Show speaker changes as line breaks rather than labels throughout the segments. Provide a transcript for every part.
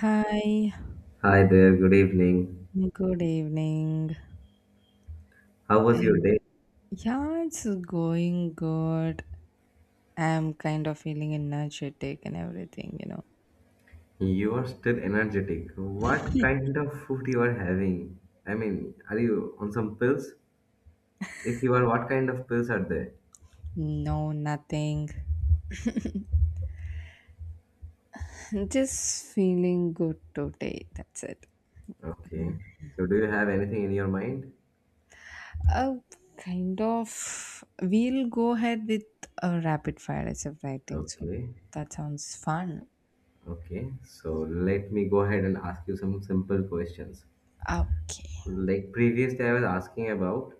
Hi,
Hi there, good evening.
good evening.
How was your
Um,
day?
yeah, it's going good. I'm kind of feeling energetic and everything.
You are still energetic. What kind of food you are having? I mean, are you on some pills? If you are, what kind of pills are there?
No, nothing. Just feeling good today. That's it.
Okay. So do you have anything in your mind?
Uh, Kind of. We'll go ahead with a rapid fire as of writing. So.
Okay.
That sounds fun.
Okay. So let me go ahead and ask you some simple questions.
Okay.
Like previously I was asking about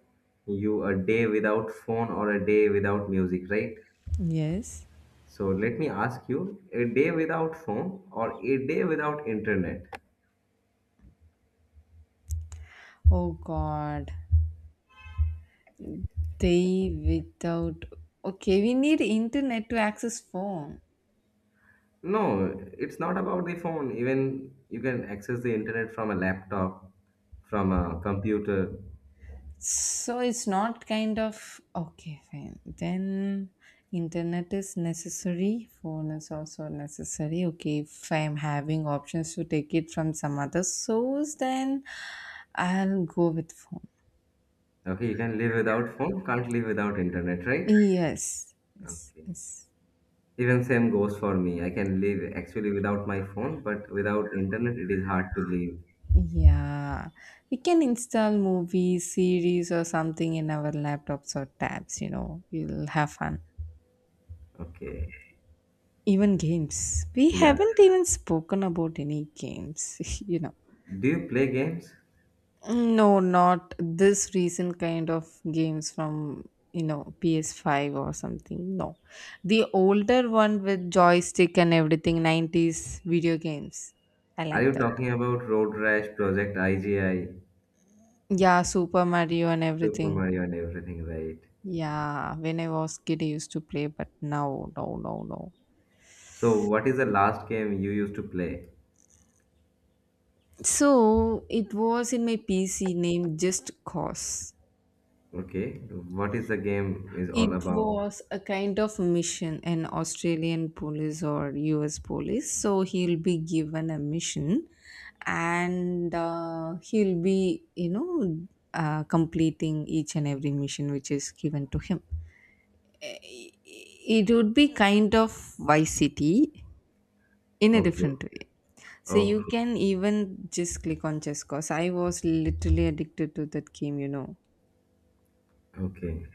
you a day without phone or a day without music, right?
Yes.
So let me ask you, a day without phone or a day without internet?
Oh God. They without. Okay, we need internet to access phone.
No, it's not about the phone. Even you can access the internet from a laptop, from a computer.
So it's not kind of okay, fine. Then internet is necessary, phone is also necessary. Okay, if I'm having options to take it from some other source, then I'll go with phone.
Okay, you can live without phone, can't live without internet, right?
Yes, yes,
Okay.
yes.
Even same goes for me. I can live actually without my phone, but without internet it is hard to live.
Yeah, we can install movies, series, or something in our laptops or tabs, we'll have fun.
Okay.
Even games. We
Yeah.
haven't even spoken about any games.
Do you play games?
No, not this recent kind of games from PS5 or something. No, the older one with joystick and everything, 90s video games. I
Are
like
you
that.
talking about Road Rash, Project IGI,
Yeah, Super Mario and
Super
everything.
Mario and everything, right?
Yeah, when I was kid, I used to play, but now, no, no, no.
So, what is the last game you used to play?
So it was in my PC named Just Cause.
Okay. What is the game is all
It
about?
was a kind of mission, an Australian police or US police. So he'll be given a mission and he'll be, completing each and every mission which is given to him. I- It would be kind of Vice City in a
Okay.
different way. So you
Okay.
can even just click on Chess Cause. I was literally addicted to that game.
Okay.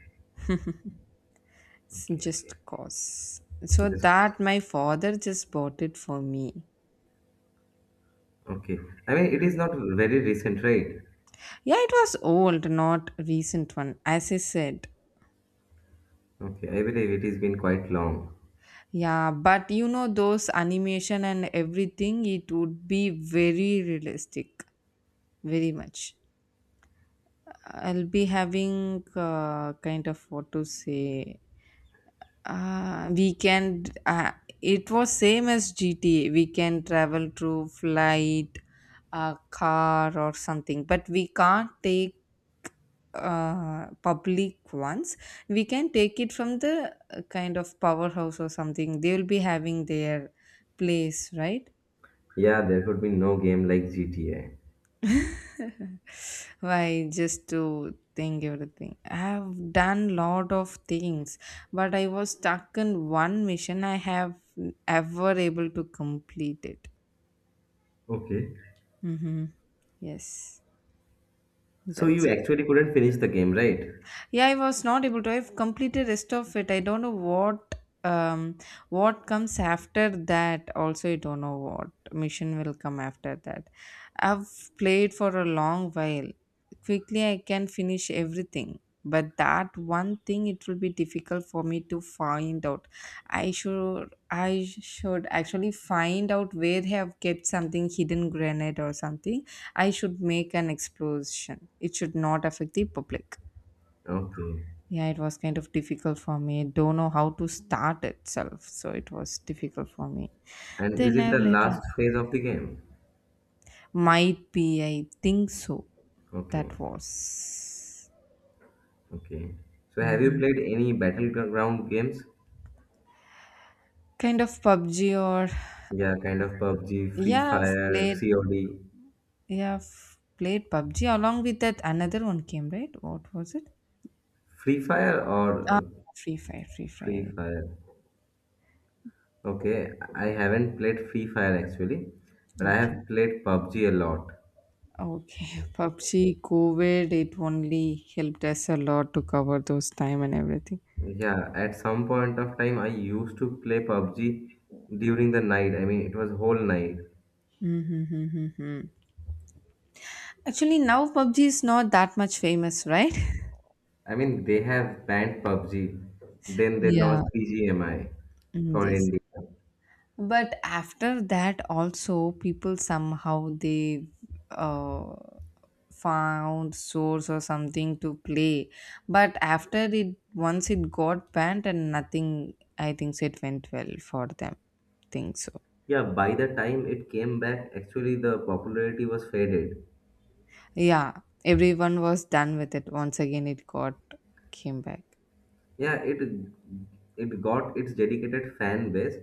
It's
Okay. Okay.
just cause. So
This,
that my father just bought it for me.
okay. I mean, it is not very recent, right?
Yeah, it was old, not recent one, as I said.
Okay. I believe it has been quite long.
Yeah, but you know those animation and everything, it would be very realistic, very much. I'll be having, kind of what to say, we can, it was same as GTA. We can travel through flight, car or something, but we can't take, public ones. We can take it from the, kind of powerhouse or something. They will be having their place, right?
Yeah, there could be no game like GTA.
Why just to think everything. I have done lot of things, but I was stuck in one mission. I have ever able to complete it.
Okay.
Mm-hmm. Yes,
So
that's
you actually couldn't finish the game, right?
yeah, I was not able to. I've completed rest of it. I don't know what, um what comes after that. Also I don't know what mission will come after that. I've played for a long while. Quickly I can finish everything, but that one thing, it will be difficult for me to find out. I should actually find out where they have kept something hidden granite or something. I should make an explosion. It should not affect the public.
Okay.
Yeah, it was kind of difficult for me. Don't know how to start itself, so it was difficult for me.
And is
Then I
it the
have later,
last phase of the game?
might be, I think so.
Okay.
That was
Okay. So have you played any battleground games?
kind of PUBG or
Yeah, kind of PUBG, Free
yeah,
Fire, COD.
I've played PUBG along with that another one came, right? What was it?
Free Fire
Ah,
or
Free Fire, Free
Free
Fire.
Fire? Okay, I haven't played Free Fire actually, but I
Okay.
have played PUBG a lot.
Okay, PUBG, COVID, it only helped us a lot to cover those time and everything.
Yeah, at some point of time, I used to play PUBG during the night. I mean, it was whole night.
Mm-hmm. Actually, now PUBG is not that much famous, right?
I mean, they have banned PUBG, then they
Yeah.
launched BGMI
Mm,
for
yes.
India.
But after that, also, people somehow they, uh, found source or something to play. But after it, once it got banned and nothing, I think so it went well for them. Think so.
Yeah, by the time it came back, actually the popularity was faded.
Yeah, everyone was done with it. Once again, it got came back.
Yeah, it got its dedicated fan base,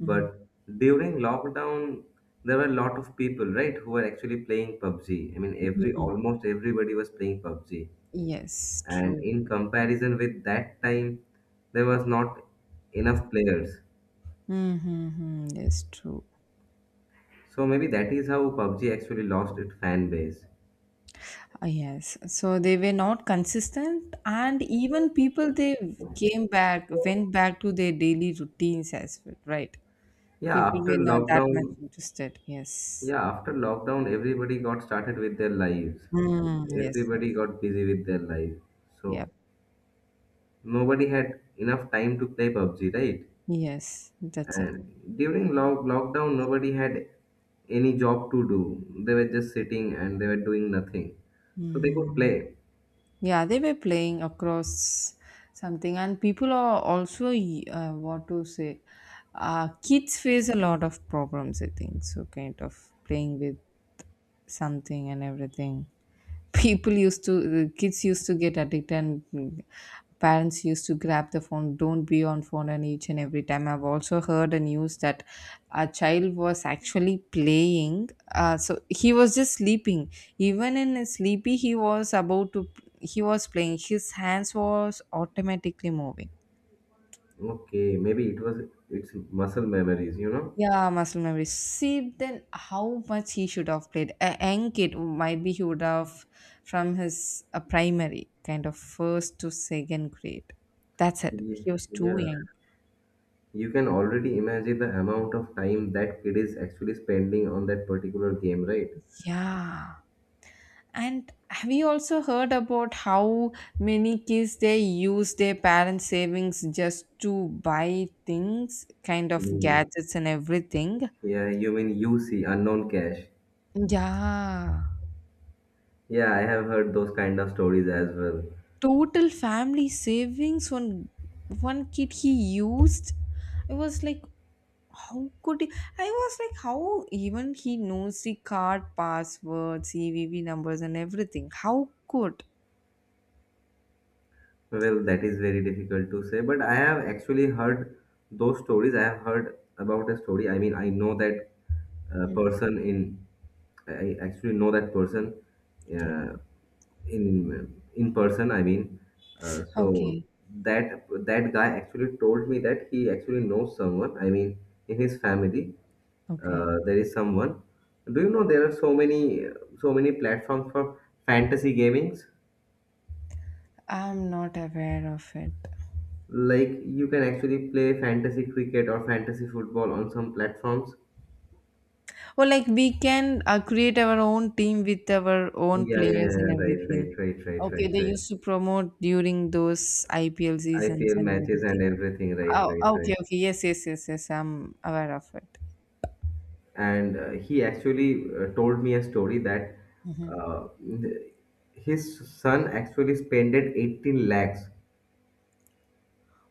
Hmm.
but during lockdown there were a lot of people, right, who were actually playing PUBG. I mean, every
Mhm.
almost everybody was playing PUBG,
Yes,
and
true.
in comparison with that time, there was not enough players.
Mm-hmm, mm-hmm. Yes, true.
So maybe that is how PUBG actually lost its fan base.
Yes, so they were not consistent, and even people they came back, went back to their daily routines as well, right?
Yeah,
People
after
were not that much
lockdown,
interested. Yes.
yeah, after lockdown, everybody got started with their lives.
Mm, yes, yes,
Everybody got busy with their life.
yeah,
So nobody had enough time to play PUBG, right?
yes, that's it.
And during lockdown, nobody had any job to do. They were just sitting and they were doing nothing. So they could
Mm.
play.
Yeah, they were playing across something, and people are also, what to say. Kids face a lot of problems, I think. So, kind of playing with something and everything. People used to The kids used to get addicted, and parents used to grab the phone. Don't be on phone. And each and every time, I've also heard a news that a child was actually playing, so he was just sleeping. Even in his sleepy, he was playing. His hands was automatically moving.
Okay, maybe it's muscle memories, you know?
Yeah, muscle memory. See, then how much he should have played. A young kid, maybe he would have from his, primary, kind of first to second grade. That's it.
Yeah.
He was too
Yeah.
young.
You can already imagine the amount of time that kid is actually spending on that particular game, right?
Yeah. And have you also heard about how many kids they use their parents' savings just to buy things, kind of
Mm.
gadgets and everything?
Yeah, you mean UC, unknown cash.
Yeah.
Yeah, I have heard those kind of stories as well.
Total family savings. One kid he used. I was like, how could he? I was like, how even he knows the card passwords, CVV numbers and everything? How could—
Well, that is very difficult to say, but I have actually heard those stories. I have heard about a story. I mean, I know that uh, person in, I actually know that person uh, in person. I mean, so
Okay.
that guy actually told me that he actually knows someone. I mean, in his family,
Okay.
there is someone. Do you know there are so many platforms for fantasy gaming?
I'm not aware of it.
Like you can actually play fantasy cricket or fantasy football on some platforms.
Well, like we can, create our own team with our own
Yeah, yeah, yeah,
players and
yeah, right,
everything.
right, right, right,
Okay,
right,
they
right.
used to promote during those IPL seasons
IPL
and
matches and
everything.
everything, right,
Oh,
right,
okay,
right.
okay, yes, yes, yes, yes, I'm aware of it.
And he actually told me a story that
Mhm.
uh, th- his son actually spent 18 lakhs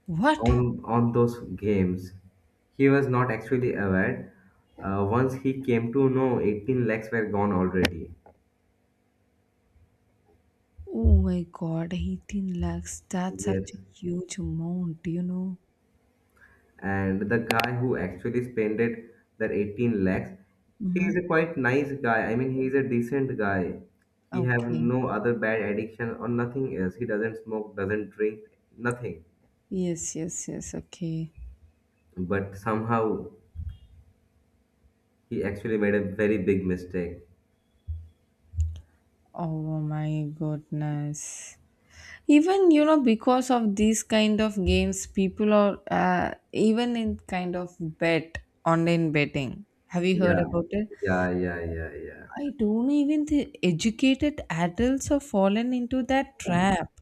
What?
on those games. He was not actually aware. Once he came to know, 18 lakhs were gone already.
Oh my god, 18 lakhs. That's such a
Yes,
huge amount.
and the guy who actually spent it, that 18 lakhs, he
Mm-hmm.
is a quite nice guy. I mean, he is a decent guy. He have
Okay.
no other bad addiction or nothing else. He doesn't smoke, doesn't drink nothing.
Yes, yes, yes. Okay.
But somehow he actually made a very big mistake.
Oh my goodness. Even, because of these kind of games, people are, even in kind of bet, online betting. Have you heard
Yeah,
about it?
yeah, yeah, yeah, yeah,
I don't even think educated adults have fallen into that trap.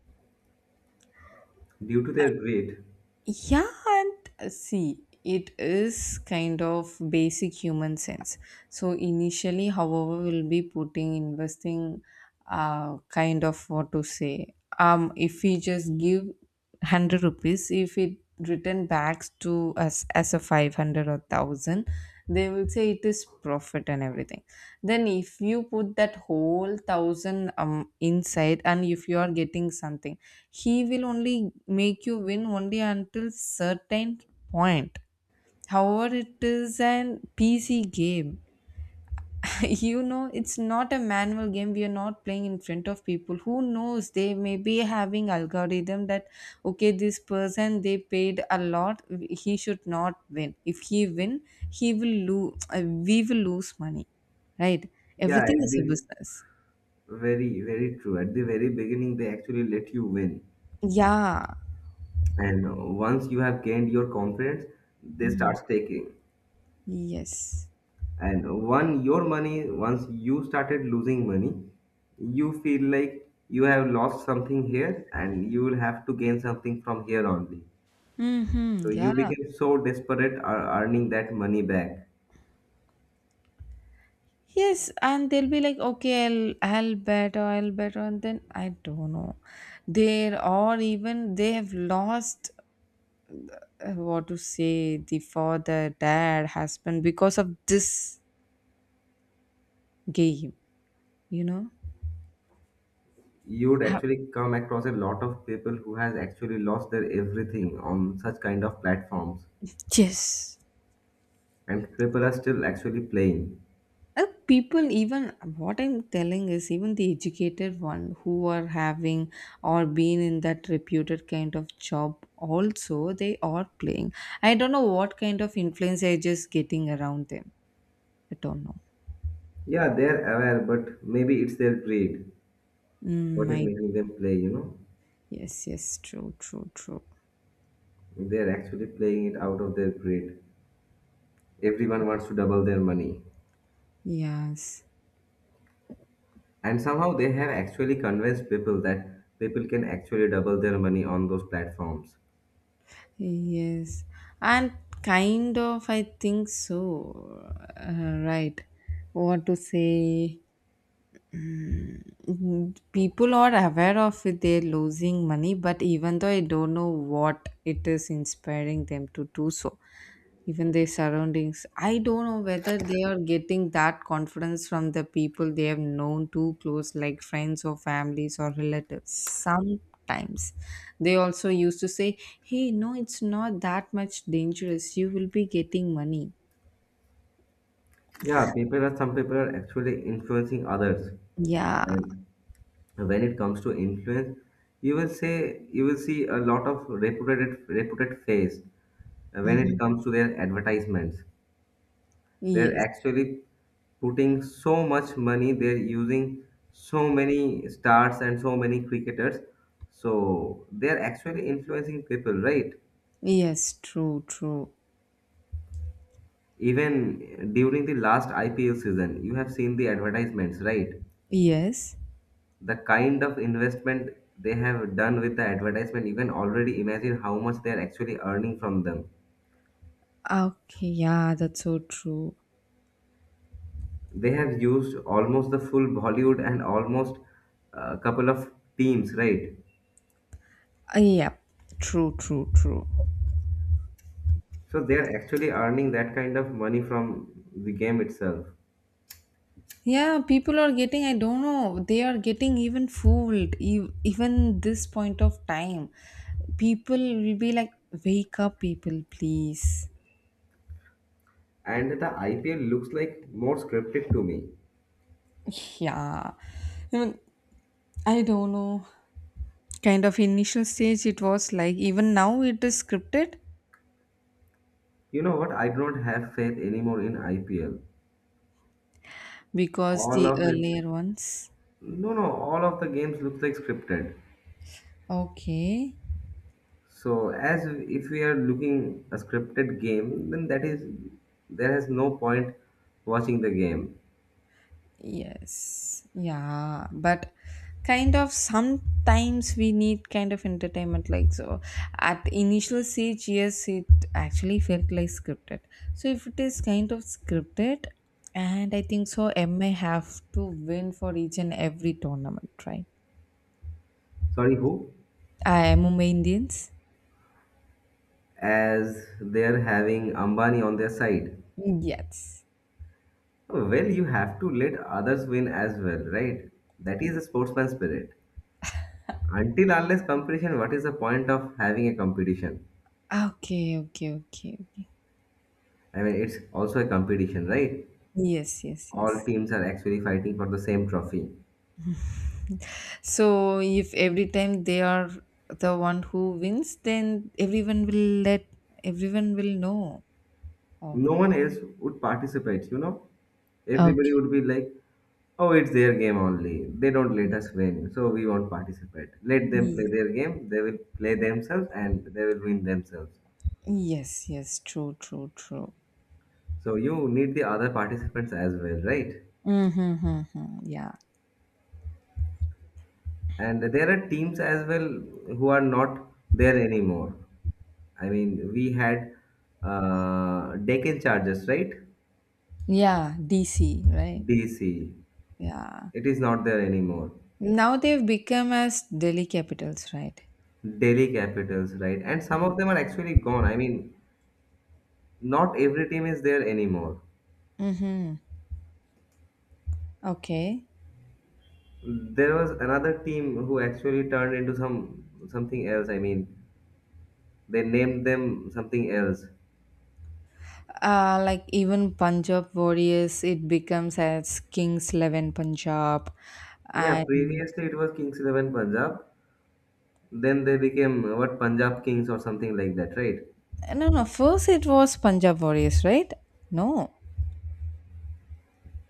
due to their greed.
Yeah, and see, it is kind of basic human sense. So initially, however, we'll be putting, investing, kind of what to say. If we just give 100 rupees, if it return back to us as a 500 or 1,000, they will say it is profit and everything. Then if you put that whole 1,000 inside, and if you are getting something, he will only make you win only until certain point. However, it is an PC game. It's not a manual game. We are not playing in front of people. Who knows, they may be having algorithm that okay, this person they paid a lot, he should not win. If he win, he will lose. We will lose money, right?
Yeah,
Everything
at
is a
the
business.
very, very true. At the very beginning they actually let you win,
Yeah.
and once you have gained your confidence, they
Mhm.
start taking.
Yes.
And one your money, once you started losing money, you feel like you have lost something here and you will have to gain something from here only.
Hmm.
So you
Yeah.
became so desperate earning that money back.
Yes, and they'll be like, okay, I'll bet or I'll bet, and then I don't know. They're, or even they have lost, what to say, the father, dad, husband because of this game, you know.
You would
Ha-
actually come across a lot of people who has actually lost their everything on such kind of platforms,
Yes.
and people are still actually playing.
People even what I'm telling is even the educated one who are having or been in that reputed kind of job also, they are playing. I don't know what kind of influence they're just getting around them. I don't know.
Yeah, they're aware, but maybe it's their greed
Mm,
what is
My
making them play.
Yes, yes, true, true, true.
They're actually playing it out of their greed. Everyone wants to double their money,
Yes,
and somehow they have actually convinced people that people can actually double their money on those platforms.
yes. And kind of, I think so. Right. What to say? People are aware of it, they're losing money, but even though, I don't know what it is inspiring them to do so. Even their surroundings, I don't know whether they are getting that confidence from the people they have known too close, like friends or families or relatives. Sometimes they also used to say, hey, no, it's not that much dangerous, you will be getting money.
Yeah, people are some people are actually influencing others.
Yeah.
And when it comes to influence, you will see a lot of reputed face when it
Mhm.
comes to their advertisements. They're
Yes,
actually putting so much money, they're using so many stars and so many cricketers. So they're actually influencing people, right?
yes, true, true.
Even during the last IPL season, you have seen the advertisements, right?
Yes.
The kind of investment they have done with the advertisement, you can already imagine how much they're actually earning from them.
Okay, yeah, that's so true.
They have used almost the full Bollywood and almost a couple of teams, right?
Yeah, true, true, true.
So they are actually earning that kind of money from the game itself.
Yeah, people are getting, I don't know, they are getting even fooled, even this point of time. People will be like, wake up, people, please.
And the IPL looks like more scripted to me.
Yeah. Even, I don't know. Kind of initial stage it was like, even now it is scripted
You know what? I don't have faith anymore in IPL.
because
All
the
of it,
earlier ones.
no, no, all of the games looks like scripted.
Okay.
So as if we are looking a scripted game, then that is there has no point watching the game.
Yes, yeah, but kind of sometimes we need kind of entertainment like so. At initial stage, yes, it actually felt like scripted. So if it is kind of scripted, and I think so, MA have to win for each and every tournament, right?
Sorry, who?
I am Mumbai Indians.
As they are having Ambani on their side.
Yes.
Oh, well, you have to let others win as well, right? That is a sportsman spirit. Until unless competition, what is the point of having a competition?
Okay, okay, okay, okay.
I mean, it's also a competition, right?
Yes, yes, yes.
All teams are actually fighting for the same trophy.
So if every time they are the one who wins, then everyone will know. Oh,
No one else would participate, you know? Everybody
okay.
would be like, oh, it's their game only. They don't let us win, so we won't participate. Let them play
y-
their game, they will play themselves and they will win themselves.
yes, yes, true, true, true.
So you need the other participants as well, right?
Mm-hmm, yeah,
And there are teams as well who are not there anymore. I mean, we had Deccan Chargers, right?
yeah, DC, right?
DC.
Yeah.
It is not there anymore.
Now they've become as Delhi Capitals, right?
Delhi Capitals, right? And some of them are actually gone. I mean, not every team is there anymore.
Mm-hmm. Okay.
There was another team who actually turned into something else. I mean, they named them something else.
Like even Punjab Warriors, it becomes as Kings XI Punjab.
Yeah, previously it was Kings Eleven Punjab. Then they became what, Punjab Kings or something like that, right?
No, no. First, it was Punjab Warriors, right? No.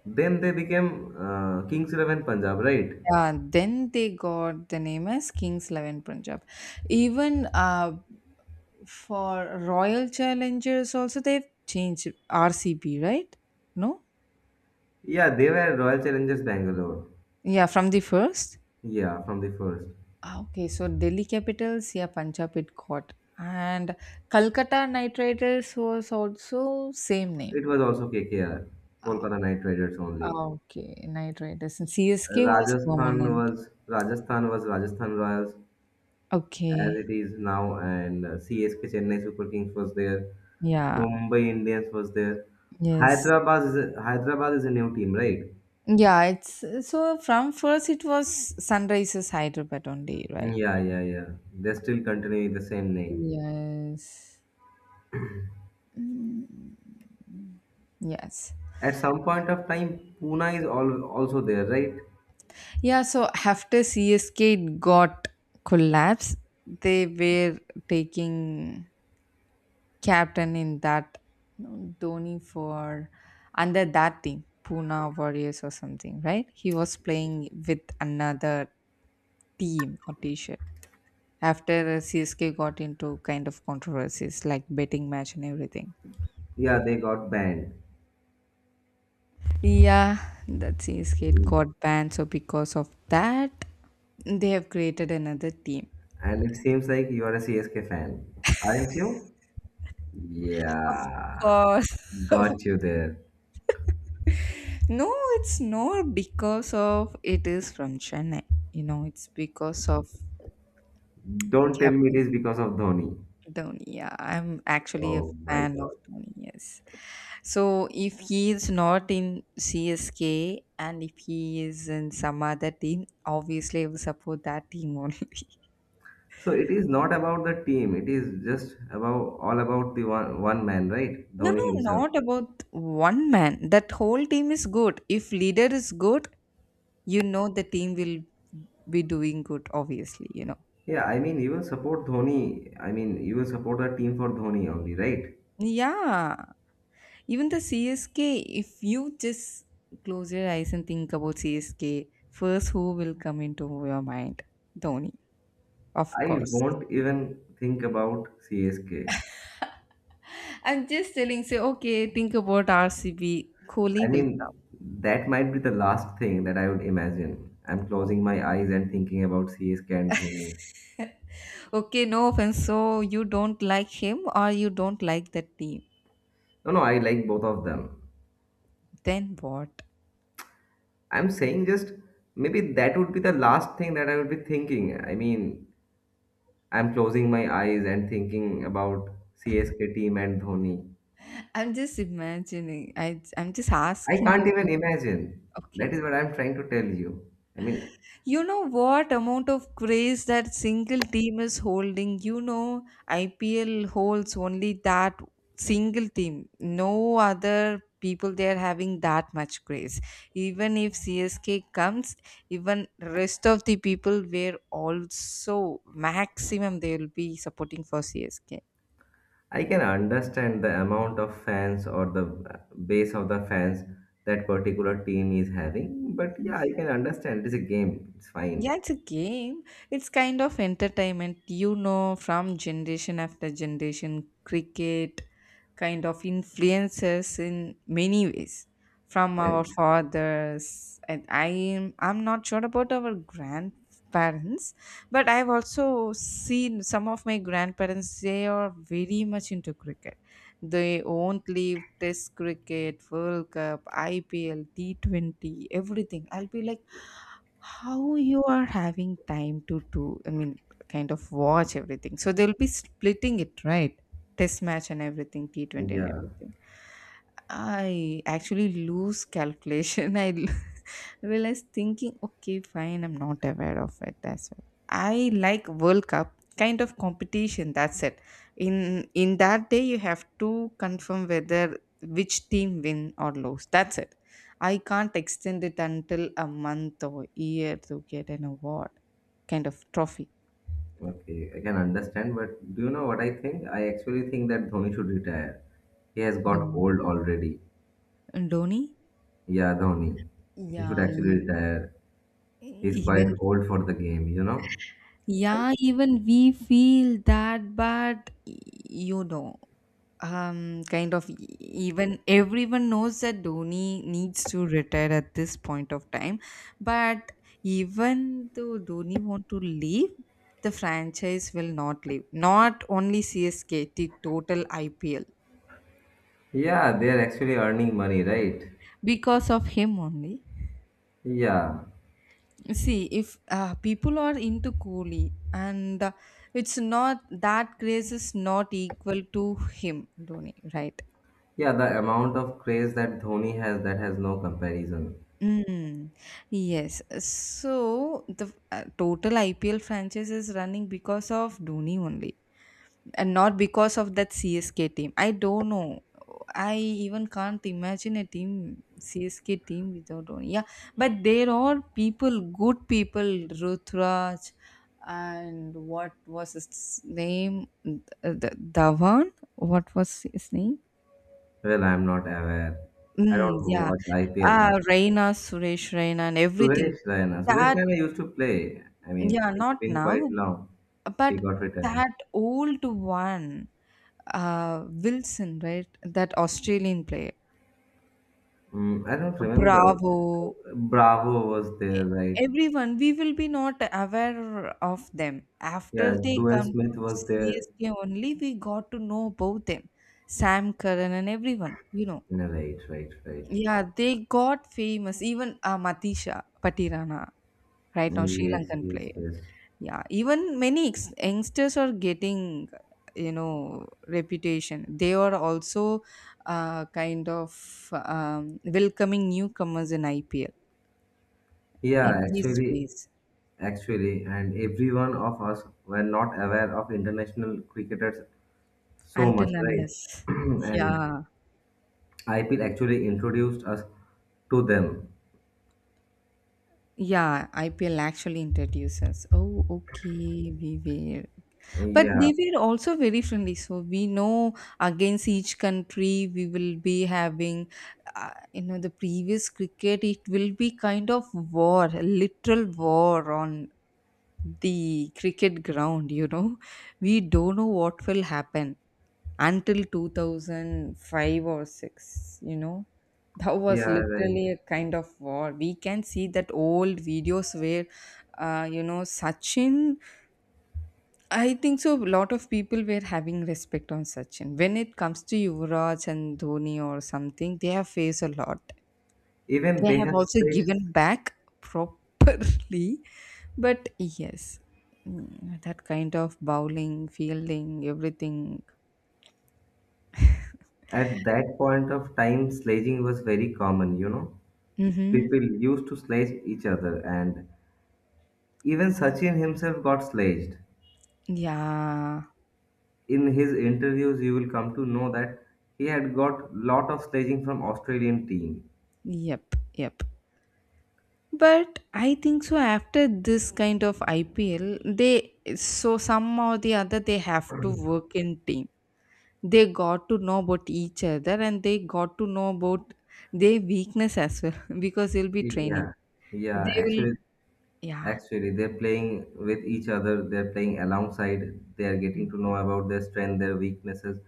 Then they became Kings Eleven Punjab, right?
Yeah. Then they got the name as Kings XI Punjab. Even for Royal Challengers, also they've changed RCB, right? No.
Yeah, they were Royal Challengers Bangalore.
Yeah, from the first.
Yeah, from the first.
Ah, okay, so Delhi Capitals, yeah, Punjab it got, and Calcutta Knight Riders was also same name.
It was also KKR,
Ah,
Kolkata Knight Riders only.
ah, okay, Knight Riders and CSK was
Rajasthan
permanent.
was Rajasthan was Rajasthan Royals as
Okay,
it is now, and CSK Chennai Super Kings was there.
yeah,
Mumbai Indians was there.
yes.
Hyderabad is a new team, right?
Yeah, it's so from first it was Sunrises Hyderabad only, right?
Yeah, yeah, yeah. They still continue with the same name.
Yes. Mm. Yes.
At some point of time, Pune is also there, right?
Yeah, so after CSK it got collapse, they were taking captain in that, no, Dhoni, for under that team, Pune Warriors or something, right? He was playing with another team or t-shirt. After CSK got into kind of controversies like betting match and everything.
Yeah, they got banned.
Yeah, that CSK got banned. So because of that, they have created another team.
And it seems like you are a CSK fan, aren't you?
Of
Yeah,
course.
got you there.
No, it's not because of it is from Chennai. You know, it's because of
Don't tell me it
captain.
is because of Dhoni.
Dhoni, yeah, I'm actually a
Oh my
fan of
God.
Dhoni, yes. So if he is not in CSK and if he is in some other team, obviously I will support that team only.
So it is not about the team. It is just about all about the one man, right?
No,
Dhoni
no,
himself.
not about one man. That whole team is good. If leader is good, you know the team will be doing good, obviously,
Yeah, I mean you will support Dhoni. I mean you will support the team for Dhoni only, right?
Yeah, even the CSK, if you just close your eyes and think about CSK, first who will come into your mind? Dhoni, of
I
course.
won't even think about CSK.
I'm just telling, say, okay, think about RCB.
I
Kohli will
mean, that might be the last thing that I would imagine. I'm
come.
closing my eyes and thinking about CSK and Dhoni.
Okay, no offense. So you don't like him or you don't like the team.
No, no, I like both of them.
Then what?
I'm saying just maybe that would be the last thing that I would be thinking. I mean, I'm closing my eyes and thinking about CSK team and Dhoni.
I'm just imagining. I'm just
I
asking
can't even
you.
imagine. That
Okay.
is what I'm trying to tell you. I mean,
You know what amount of craze that single team is holding? You know, IPL holds only that single team. No other people they are having that much craze. Even if CSK comes, even rest of the people were also maximum they will be supporting for CSK.
I can understand the amount of fans or the base of the fans that particular team is having, but yeah, I can understand. It's a game. It's fine.
Yeah, it's a game. It's kind of entertainment, from generation after generation. Cricket kind of influences in many ways from our
And-
fathers. And I'm not sure about our grandparents, but I've also seen some of my grandparents, they are very much into cricket. They won't leave Test cricket, World Cup, IPL, T20, everything. I'll be like, how you are having time to do, I mean, kind of watch everything. So they'll be splitting it, right? Test match and everything, T20 and
Yeah.
everything. I actually lose calculation. Realize thinking, okay, fine, I'm not aware of it as well. I like World Cup kind of competition, that's it. In that day you have to confirm whether which team win or lose, that's it. I can't extend it until a month or year to get an award kind of trophy.
Okay, I can understand, but do you know what I think? I actually think that Dhoni should retire. He has got
Don-
old already.
Dhoni?
Yeah, Dhoni. He should
Yeah,
actually
you,
retire. He's quite
even
old for the game, you know?
yeah, even we feel that, but you know, kind of even everyone knows that Dhoni needs to retire at this point of time, but even though Dhoni want to leave, the franchise will not leave. Not only CSK, the total IPL.
Yeah, they're actually earning money, right?
Because of him only,
Yeah.
see if people are into Kohli and it's not that grace is not equal to him Dhoni, right?
Yeah, the amount of craze that Dhoni has, that has no comparison.
Mm, yes. So the total IPL franchise is running because of Dhoni only and not because of that CSK team. I don't know. I even can't imagine a team, CSK team without Dhoni. Yeah, but there are people, good people, Rutraj and what was his name? Dhawan. What was his name?
Well, I'm not aware. I
Mm,
don't
yeah,
watch IPL that.
Raina, Suresh Raina, and everything.
Suresh Raina. Suresh
That
Raina used to play. I mean,
yeah,
it's
not
been quite
now,
long. He
but
got retired.
that old one. Wilson, right? That Australian player.
Mm, I don't remember.
Bravo.
Bravo was
e-
there, right?
Everyone, we will be not aware of them. After
Yeah,
they
Duane
come to
Smith was there.
CSK only, we got to know about them. Sam Curran and everyone, you know.
No, right, right, right.
Yeah, they got famous. Even Matisha Patirana, right now,
Mm,
Sri
yes,
Lankan
yes,
player.
yes.
Yeah, even many youngsters are getting, you know, reputation. They are also kind of welcoming newcomers in IPL. It
Yeah,
gives
actually,
space
and every one of us were not aware of international cricketers so
until
much, right?
unless,
And
yeah,
IPL actually introduced us to them.
yeah, IPL actually introduces. Oh, okay, we were. But
Yeah,
they were also very friendly. So we know against each country we will be having, you know, the previous cricket, it will be kind of war, a literal war on the cricket ground, you know. We don't know what will happen until 2005 or 6, you know. That was
yeah, right.
literally a kind of war. We can see that old videos where, you know, Sachin. I think so. A lot of people were having respect on Sachin. When it comes to Yuvraj and Dhoni or something, they have faced a lot.
Even
They
they
have
have
also
sledges.
given back properly. But yes, mm, that kind of bowling, fielding, everything.
At that point of time, sledging was very common, you know.
Mm-hmm.
People used to sledge each other, and even Sachin himself got sledged.
Yeah.
In his interviews, you will come to know that he had got lot of sledging from Australian team.
Yep. Yep. But I think so. After this kind of IPL, they so some or the other they have to work in team, they got to know about each other and they got to know about their weakness as well. Because they'll be training,
Yeah, yeah.
they will,
Actually,
yeah.
They're playing with each other, they're playing alongside, they are getting
Mm.
to know about their strength, their weaknesses,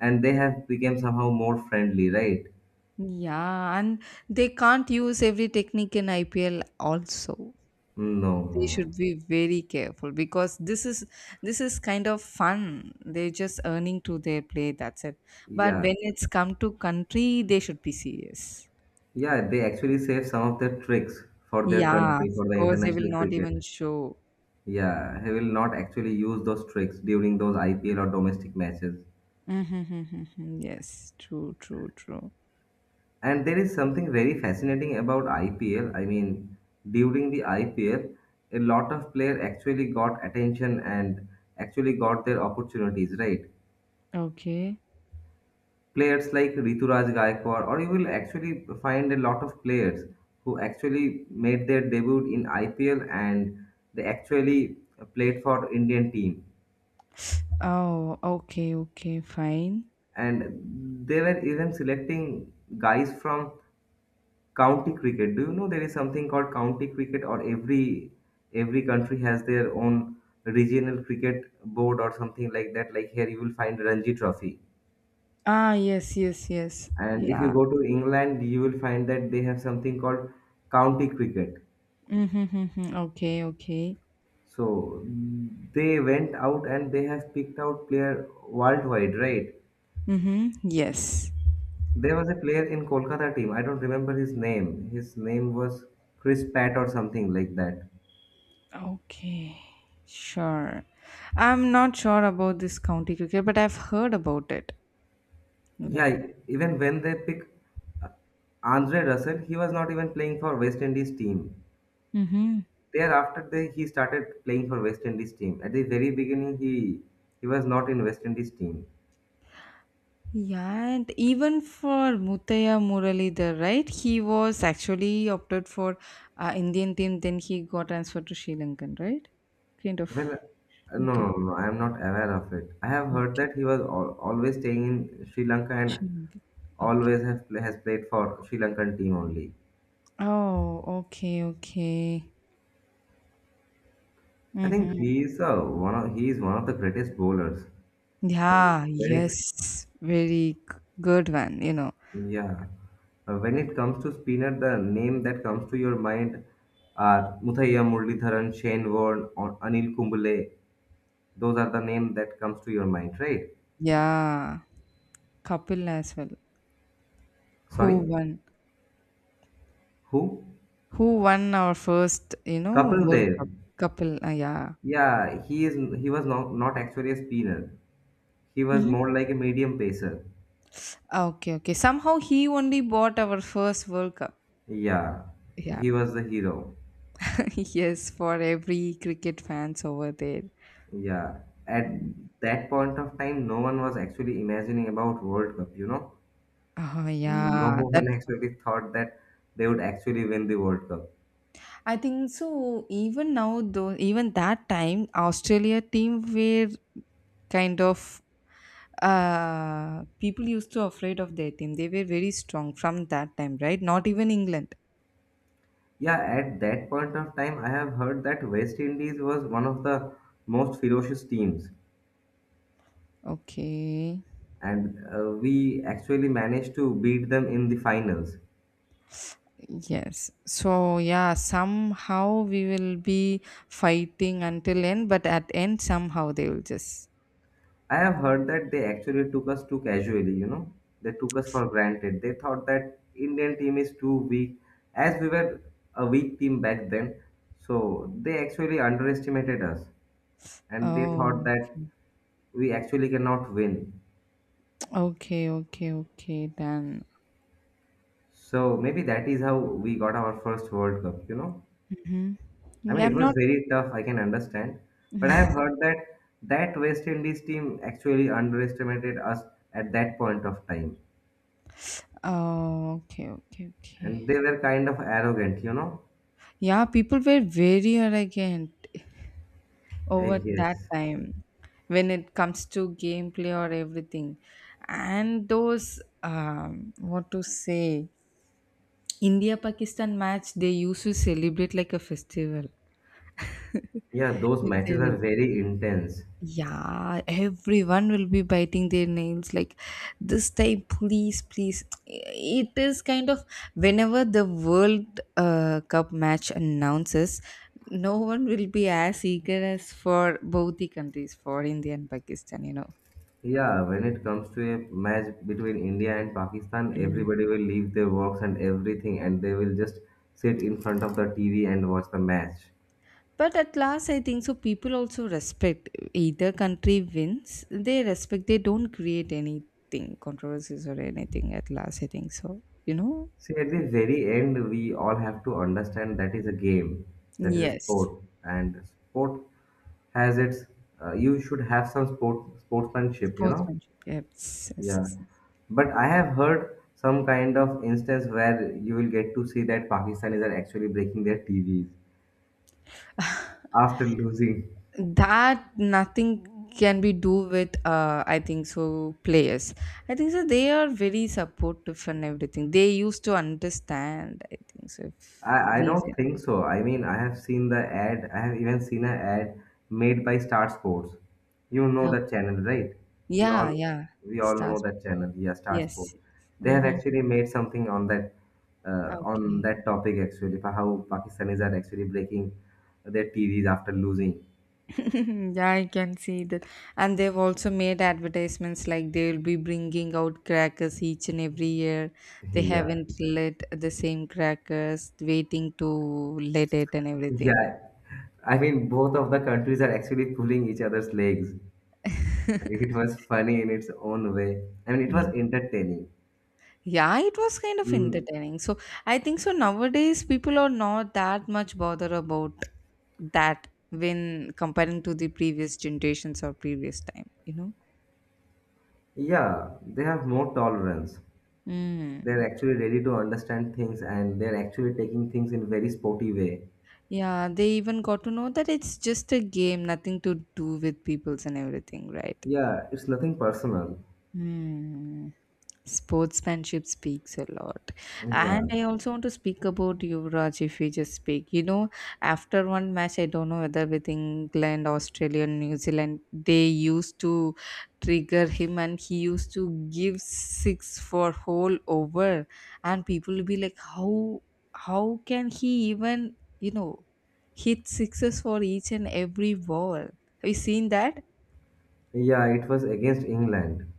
and they have become somehow more friendly, right?
Yeah, and they can't use every technique in IPL also.
Mm, no, no,
They should
no.
be very careful, because this is, this is kind of fun, they're just earning to their play, that's it. But
Yeah.
when it's come to country, they should be serious.
Yeah, they actually save some of their tricks for their
Yeah, of
country, for the
course they will
international
not
cricket.
even show.
Yeah, he will not actually use those tricks during those IPL or domestic matches.
Mhm, mhm, mhm. Yes, true, true, true.
And there is something very fascinating about IPL. I mean, during the IPL, a lot of players actually got attention and actually got their opportunities, right?
Okay.
Players like Rituraj Gaikwad, or you will actually find a lot of players who actually made their debut in IPL and they actually played for Indian team.
Oh, okay, okay, fine.
And they were even selecting guys from county cricket. Do you know there is something called county cricket, or every country has their own regional cricket board or something like that. Like here, you will find Ranji Trophy,
Ah, yes, yes, yes.
and if you
Yeah.
go to England, you will find that they have something called county cricket.
Mm-hmm, okay, okay.
So they went out and they have picked out player worldwide, right?
Mm-hmm. Yes.
There was a player in Kolkata team. I don't remember his name. His name was Chris Pat or something like that.
Okay. Sure. I'm not sure about this county cricket, but I've heard about it, you know.
Yeah, even when they pick Andre Russell, he was not even playing for West Indies team.
Mm-hmm.
Thereafter, he started playing for West Indies team. At the very beginning, he was not in West Indies team.
Yeah, and even for Mutaya Muralidhar, right? He was actually opted for Indian team, then he got transferred to Sri Lankan, right? Kind of.
Well, no,
Okay.
no, no, I am not aware of it. I have heard
Okay.
that he was always staying in Sri Lanka and
Sri Lankan. Okay.
always have, has played for Sri Lankan team only.
Oh, okay, okay.
I think
Mm-hmm.
he is one of he is one of the greatest bowlers. Uh,
Yeah,
When it
yes. Good one, you know.
Yeah. When it comes to spinner, the name that comes to your mind are Muthaiya Muralitharan, Shane Warne, or Anil Kumbule. Those are the name that comes to your mind, right?
Yeah, Kapil as well. Who
Sorry,
won?
who?
Who won our first, you know,
Kapil
World
Dev.
Cup? Kapil, yeah.
Yeah, he is. He was not actually a spinner. He was
Mm-hmm.
more like a medium pacer.
Okay, okay. Somehow he only bought our first World Cup.
Yeah,
Yeah.
he was the hero.
Yes, for every cricket fans over there.
Yeah, at
Mm.
that point of time, no one was actually imagining about World Cup. You know.
Oh,
No
yeah. That,
one actually thought that they would actually win the World Cup.
I think so. Even now, though, even that time, Australia team were kind of, people used to afraid of their team, they were very strong from that time, right? Not even England.
Yeah, at that point of time, I have heard that West Indies was one of the most ferocious teams,
Okay,
and we actually managed to beat them in the finals.
yes. So yeah, somehow we will be fighting until end, but at end somehow they will just.
I have heard that they actually took us too casually, you know, they took us for granted. They thought that Indian team is too weak, as we were a weak team back then, so they actually underestimated us, and they thought
Oh,
that we actually cannot win.
okay, okay, okay, then.
So maybe that is how we got our first World Cup, you know?
Hmm.
I
Yeah,
mean, it
I'm
was
not.
very tough, I can understand. But I have heard that that West Indies team actually underestimated us at that point of time.
Oh, okay, okay, okay.
And they were kind of arrogant, you know?
Yeah, people were very arrogant
Eh,
over that
yes.
time, when it comes to gameplay or everything, and those, what to say, India Pakistan match, they used to celebrate like a festival.
Yeah, those
If they
matches are
win,
very intense.
yeah, everyone will be biting their nails like this time, please, please. It is kind of, whenever the World Cup match announces, no one will be as eager as for both the countries, for India and Pakistan, you know.
Yeah, when it comes to a match between India and Pakistan,
Mm.
everybody will leave their works and everything and they will just sit in front of the TV and watch the match.
But at last, I think so, people also respect either country wins, they respect, they don't create anything, controversies or anything. At last, I think so, you know.
See, at the very end, we all have to understand that is a game, that is a
Yes.
sport, and sport has its. You should have some sportsmanship, you know.
Sportsmanship. Yes, yes,
Yeah,
yes, yes.
but I have heard some kind of instance where you will get to see that Pakistanis are actually breaking their TVs after losing.
That nothing can be do with, uh, I think so players. I think so they are very supportive and everything. They used to understand, I think so if
I
we
don't
win.
think so. I mean, I have seen the ad. I have even seen an ad made by Star Sports. You know
Okay.
that channel, right? We
Yeah,
all
yeah.
we all know
Stars.
that channel. Yeah, Star Sports.
Yes.
They have
Mm-hmm.
actually made something on
Okay.
that topic actually for how Pakistanis are actually breaking their TVs after losing.
Yeah, I can see that. And they've also made advertisements like they'll be bringing out crackers each and every year. They
Yeah,
haven't let the same crackers, waiting to let it and everything.
yeah. I mean, both of the countries are actually pulling each other's legs. It was funny in its own way. I mean, it was
Mm.
entertaining.
Yeah, it was kind of
Mm,
entertaining. So I think so nowadays people are not that much bother about that when comparing to the previous generations or previous time, you know?
yeah, they have more tolerance.
Mm.
They're actually ready to understand things and they're actually taking things in very sporty way.
Yeah, they even got to know that it's just a game, nothing to do with peoples and everything, right?
Yeah, it's nothing personal.
Hmm, sportsmanship speaks a lot.
Yeah.
And I also want to speak about Yuvraj, if we just speak, you know, after one match, I don't know whether with England, Australia, New Zealand, they used to trigger him and he used to give six for whole over, and people will be like, how can he even, you know, hit sixes for each and every ball. Have you seen that?
Yeah, it was against England.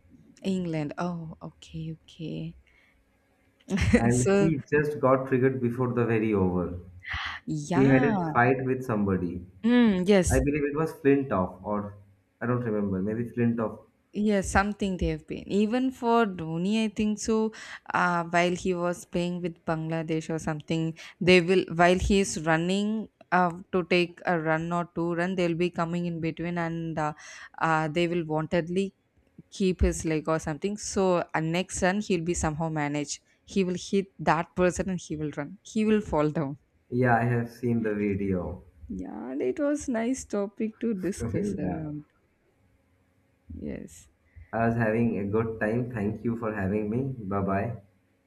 England, oh, okay, okay.
And
So
he just got triggered before the very over. He had
yeah.
a fight with somebody.
Mm,
I
yes,
believe it was Flintoff or I don't remember, maybe Flintoff.
yes, something they have been. Even for Dhoni, I think so. While he was playing with Bangladesh or something, they will, while he is running to take a run or two run, they'll be coming in between and they will wantedly keep his leg or something. So next run he'll be somehow managed. He will hit that person and he will run. He will fall down.
Yeah, I have seen the video.
Yeah, and it was nice topic to discuss
Yeah.
around. Yes.
I was having a good time. Thank you for having me. Bye bye.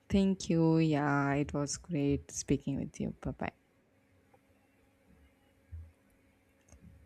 Thank you. Yeah, it was great speaking with you. Bye bye.